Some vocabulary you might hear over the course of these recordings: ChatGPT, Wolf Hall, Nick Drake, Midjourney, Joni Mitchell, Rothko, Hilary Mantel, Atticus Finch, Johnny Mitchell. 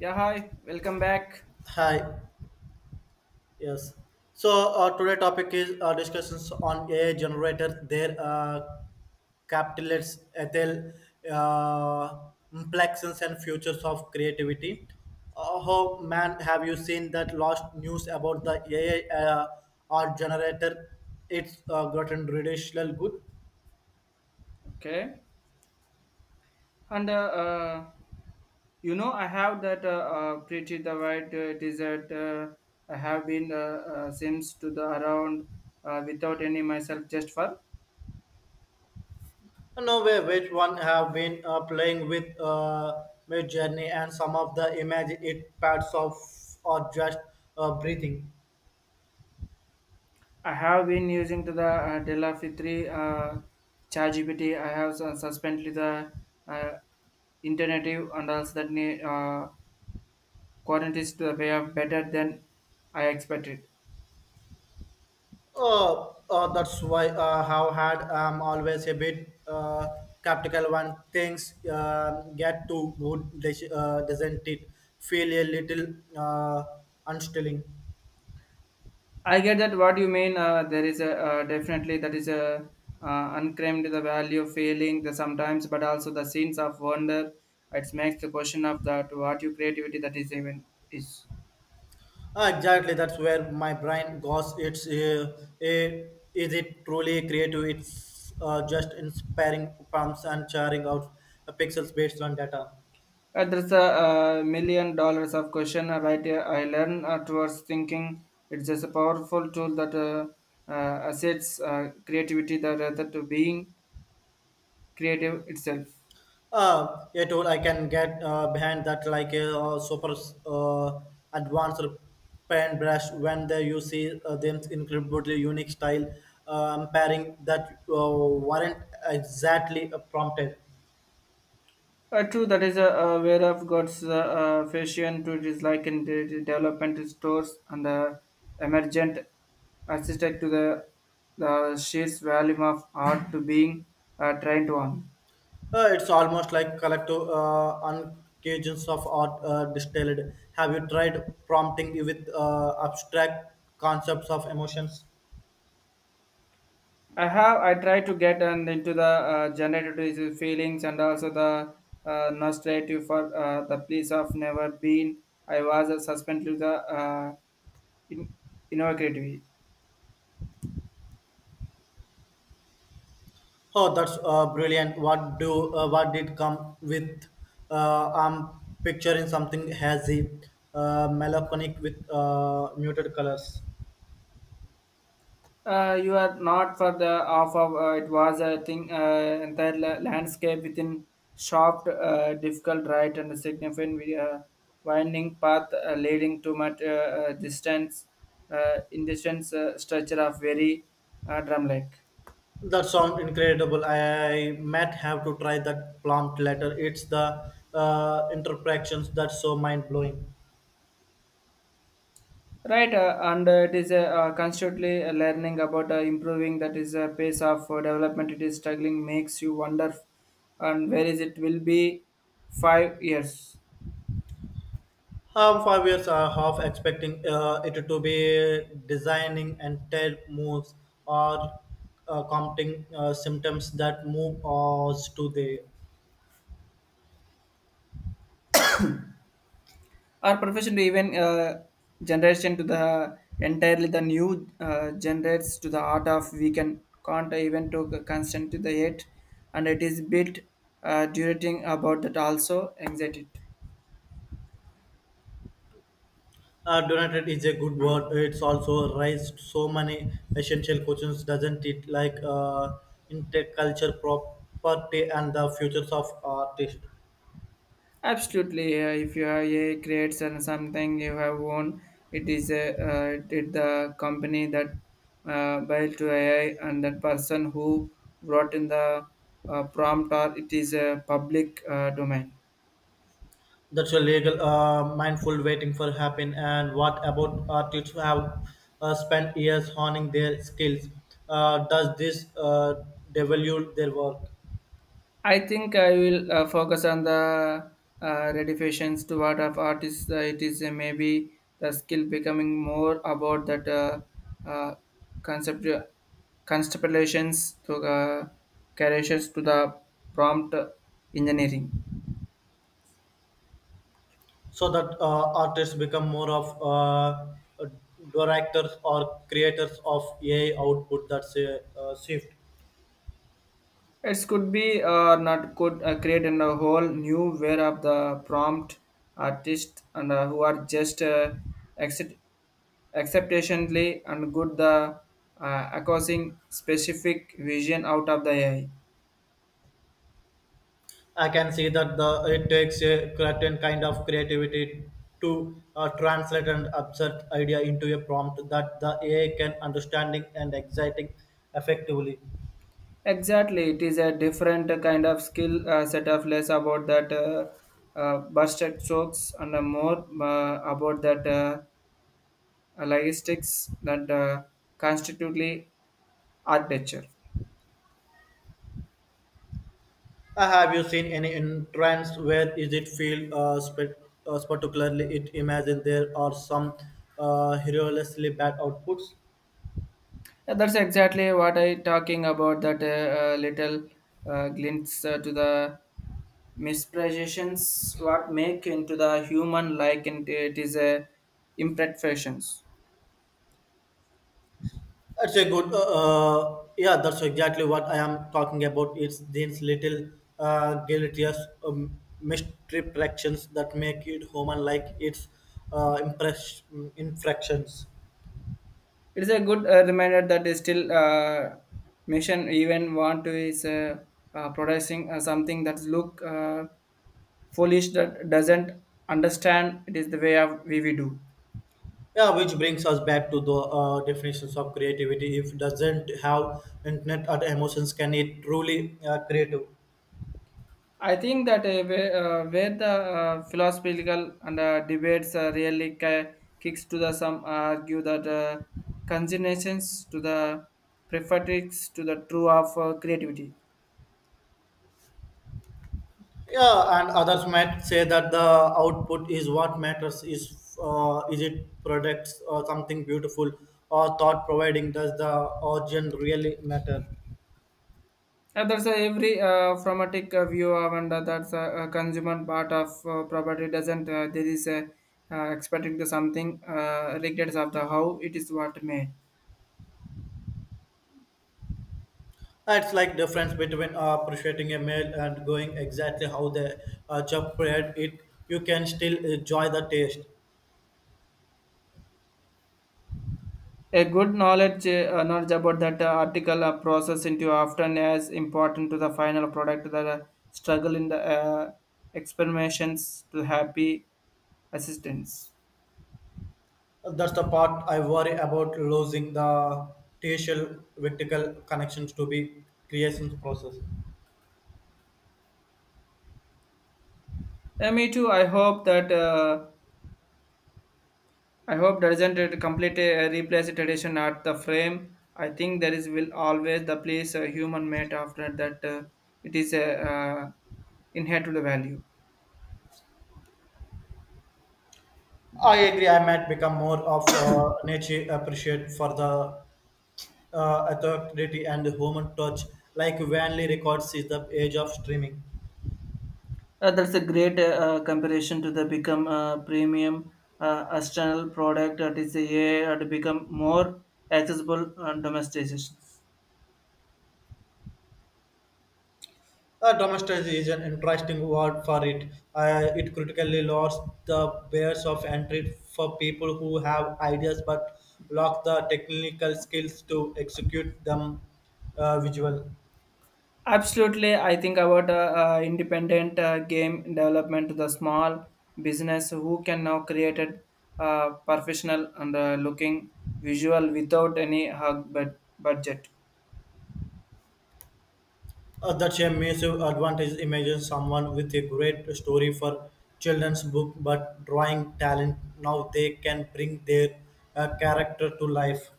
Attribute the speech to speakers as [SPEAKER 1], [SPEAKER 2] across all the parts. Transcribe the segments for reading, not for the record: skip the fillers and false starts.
[SPEAKER 1] Yeah, hi, welcome back.
[SPEAKER 2] Hi. Yes. So today topic is discussions on AI generator, their capitalists, ethyl uh, implications and futures of creativity. How man have you seen that last news about the AI art generator? It's gotten ridiculous good.
[SPEAKER 1] Okay, and uh, I have that pretty the white desert. I have been since to the around without any myself just for.
[SPEAKER 2] No way, which one have been playing with Mid Journey and some of the image it pads of or just breathing.
[SPEAKER 1] I have been using to the Della Fitri ChatGPT. I have suspended the uh, internet and also that quantities to the way of better than I expected.
[SPEAKER 2] That's why how hard I'm always a bit skeptical when things get too good, doesn't it feel a little unsettling?
[SPEAKER 1] I get that what you mean. There is a definitely that is a unclaimed the value of failing the sometimes, but also the scenes of wonder. It makes the question of that what your creativity that is even is.
[SPEAKER 2] Exactly, that's where my brain goes. Is it truly creative? It's just inspiring prompts and churning out pixels based on data.
[SPEAKER 1] There's a $1,000,000 of question right here. I learn towards thinking. It's just a powerful tool that assets creativity that rather to being creative itself.
[SPEAKER 2] A tool I can get behind that, like a super uh, advanced paint brush, when they you see them incredibly unique style pairing that weren't exactly prompted.
[SPEAKER 1] True, that is where I've got fashion to dislike in the development stores and the emergent assisted to the sheer volume of art to being trained on.
[SPEAKER 2] It's almost like collective uncages of art distilled. Have you tried prompting you with abstract concepts of emotions?
[SPEAKER 1] I try to get and into the generative feelings and also the nostalgia for the place of never been. I was suspended to the uh, in- innovative.
[SPEAKER 2] Oh, that's brilliant. What did come with? I'm picturing something hazy, melancholic with muted colors.
[SPEAKER 1] You are not for the off of it was a thing entire landscape within sharp difficult right and significant winding path leading to much distance in distance structure of very drum like.
[SPEAKER 2] That sounds incredible. I might have to try that plant later. It's the interpretations that's so mind blowing.
[SPEAKER 1] Right and it is constantly learning about improving that is a pace of development it is struggling. Makes you wonder and where is it will be 5 years
[SPEAKER 2] 5 years, are half expecting it to be designing entire moves, or counting symptoms that move us to the.
[SPEAKER 1] our profession to even generation to the entirely the new generates to the art of we can can't even to constant to the yet, and it is bit durating about that also anxiety.
[SPEAKER 2] Donated is a good word. It's also raised so many essential questions, doesn't it? Like interculture, property, and the futures of artists.
[SPEAKER 1] Absolutely, if you have a creates and something you have won, it is a did the company that by to ai and that person who wrote in the prompt, or it is a public domain.
[SPEAKER 2] That's a legal, mindful waiting for happen. And what about artists who have spent years honing their skills? Does this devalue their work,
[SPEAKER 1] I think I will focus on the redefinitions to what of artists. It is. Maybe the skill becoming more about that uh, concept constellations to creations to the prompt engineering.
[SPEAKER 2] so that artists become more of directors or creators of AI output? That's a shift.
[SPEAKER 1] It could be or not could create and a whole new wave of the prompt artists and who are just accept, acceptationally and good the acquiring specific vision out of the AI.
[SPEAKER 2] I can see that the it takes a certain kind of creativity to translate an absurd idea into a prompt that the AI can understanding and exciting effectively.
[SPEAKER 1] Exactly, it is a different kind of skill set of less about that busted strokes and more about that logistics that constitutely architecture.
[SPEAKER 2] Have you seen any entrance where is it feel particularly it imagine there are some hilariously bad outputs?
[SPEAKER 1] Yeah, that's exactly what I talking about. That little glimpse to the misperceptions what make into the human like, and it is a imperfections.
[SPEAKER 2] That's a good. Yeah, that's exactly what I am talking about. It's these little deleterious misdirections that make it human like its infractions.
[SPEAKER 1] It is a good reminder that is still mission even want to is producing something that look foolish that doesn't understand it is the way of we do.
[SPEAKER 2] Yeah, which brings us back to the definitions of creativity. If it doesn't have intent or emotions, can it truly creative?
[SPEAKER 1] I think that where the philosophical and debates really kicks to the some argue that consignations to the prefatrix to the true of creativity.
[SPEAKER 2] Yeah, and others might say that the output is what matters. Is it products or something beautiful or thought providing? Does the origin really matter?
[SPEAKER 1] And that's every phragmatic view of, and that's a consumer part of property doesn't there is a expecting to something regardless of the how it is what made.
[SPEAKER 2] It's like difference between appreciating a meal and going exactly how the chef prepared it. You can still enjoy the taste.
[SPEAKER 1] A good knowledge, knowledge about that article process into often as important to the final product that struggle in the experimentations to happy assistance.
[SPEAKER 2] That's the part I worry about, losing the tastial vertical connections to be creation process.
[SPEAKER 1] Me too. I hope doesn't it completely replace the tradition at the frame. I think there is will always the place a human made after that it is a inherent to the value.
[SPEAKER 2] I agree. I might become more of a nature appreciate for the authority and human touch, like Vanley records is the age of streaming.
[SPEAKER 1] That's a great comparison to the become premium external product that is the a I to become more accessible and domestication.
[SPEAKER 2] Domestic is an interesting word for it. It critically lost the barriers of entry for people who have ideas but lack the technical skills to execute them visual.
[SPEAKER 1] Absolutely, I think about independent game development to the small business who can now create a professional and looking visual without any hug but budget.
[SPEAKER 2] That's a massive advantage. Imagine someone with a great story for children's book, but drawing talent. Now they can bring their character to life.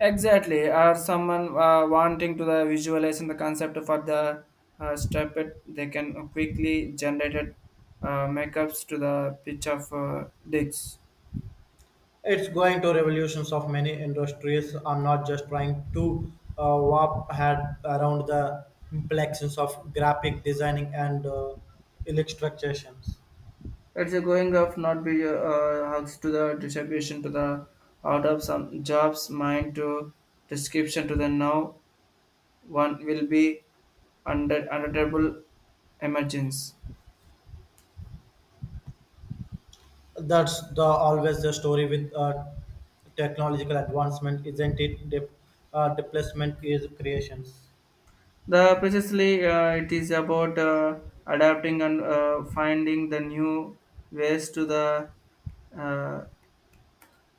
[SPEAKER 1] Exactly, or someone wanting to the visualize in the concept for the step it, they can quickly generate it, makeups to the pitch of digs.
[SPEAKER 2] It's going to revolutions of many industries. I'm not just trying to warp head around the complexions of graphic designing and illustrations.
[SPEAKER 1] It's a going of not be hugs to the distribution to the out of some jobs mind to description to the now one will be under unutterable emergence.
[SPEAKER 2] That's the always the story with technological advancement, isn't it? Displacement is creations.
[SPEAKER 1] The precisely it is about adapting and finding the new ways to the uh,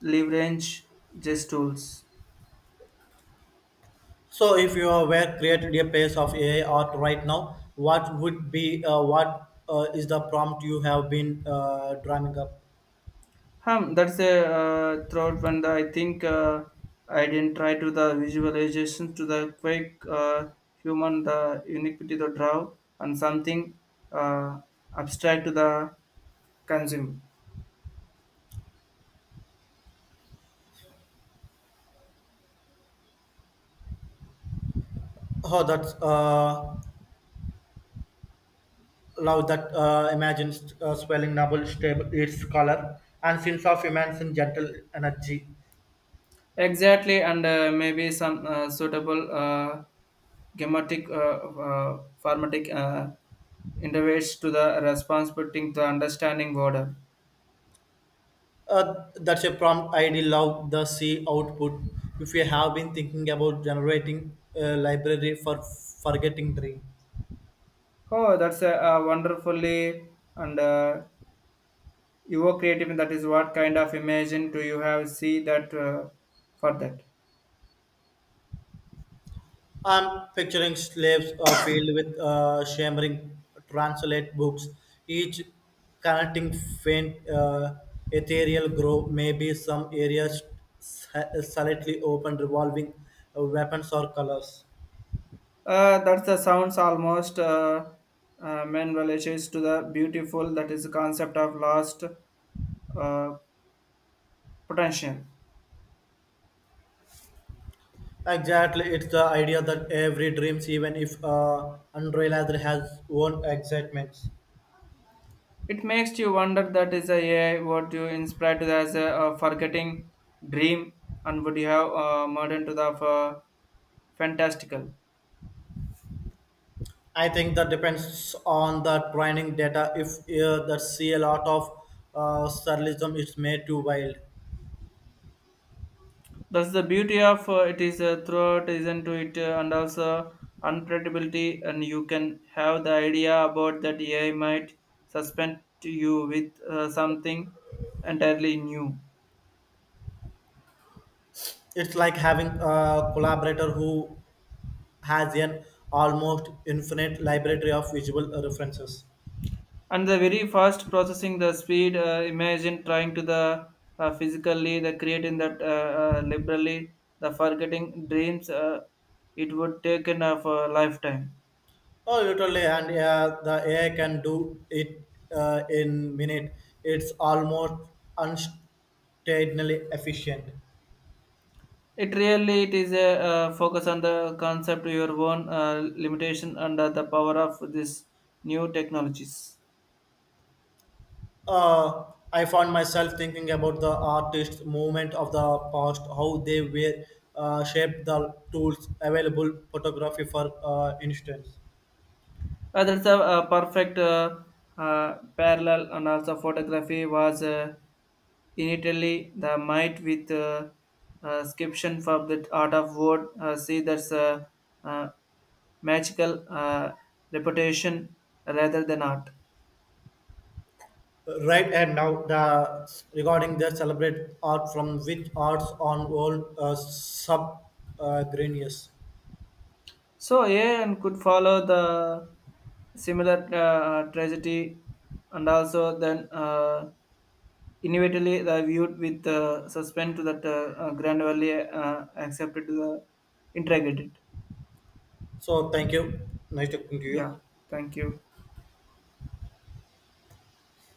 [SPEAKER 1] leverage these tools.
[SPEAKER 2] So, if you were created a piece of AI art right now, what would be what is the prompt you have been drawing up?
[SPEAKER 1] Hum, that's a throughout one. That I think I didn't try to the visualization to the quick human the uniquity to draw and something uh, abstract to the consumer.
[SPEAKER 2] Oh, that's love that imagines swelling noble stable its color and sense of immense and gentle energy.
[SPEAKER 1] Exactly, and maybe some suitable grammatic formatic interface to the responsibility to understanding order.
[SPEAKER 2] That's a prompt I ID love the C output. If you have been thinking about generating a library for forgetting dream.
[SPEAKER 1] Oh, that's a, wonderfully and you were creative. That is what kind of imagine do you have? See that for that.
[SPEAKER 2] I'm picturing slaves filled with shimmering translate books, each connecting faint ethereal glow. Maybe some areas s- slightly open, revolving weapons or colors.
[SPEAKER 1] That's the sounds almost men relations to the beautiful. That is the concept of lost uh, potential.
[SPEAKER 2] Exactly, it's the idea that every dreams, even if unrealized, has own excitements.
[SPEAKER 1] It makes you wonder that is a AI what you inspired to as a forgetting dream, and would you have modern to the fantastical.
[SPEAKER 2] I think that depends on the training data. If that see a lot of surrealism, it's made too wild.
[SPEAKER 1] That's the beauty of it is throughout isn't to it and also unpredictability, and you can have the idea about that AI might suspend you with something entirely new.
[SPEAKER 2] It's like having a collaborator who has an almost infinite library of visual references.
[SPEAKER 1] And the very fast processing the speed. Imagine trying to the physically the creating that liberally the forgetting dreams it would take in of a lifetime.
[SPEAKER 2] Oh, literally, and yeah, the AI can do it in minute. It's almost unstainably efficient.
[SPEAKER 1] It really it is a focus on the concept your own limitation under the power of this new technologies.
[SPEAKER 2] Uh, I found myself thinking about the artist movement of the past, how they were shaped the tools available, photography for instance.
[SPEAKER 1] That's a, perfect parallel, and also photography was in Italy the might with description for the art of wood. See, that's a uh, magical reputation rather than art.
[SPEAKER 2] Right, and now the regarding the celebrate art from which arts on world sub granius.
[SPEAKER 1] So, yeah, and could follow the similar tragedy, and also then. Inevitably, the viewed with suspense to that gradually accepted, to the integrated.
[SPEAKER 2] So thank you. Nice talking to
[SPEAKER 1] Yeah,
[SPEAKER 2] you.
[SPEAKER 1] thank you.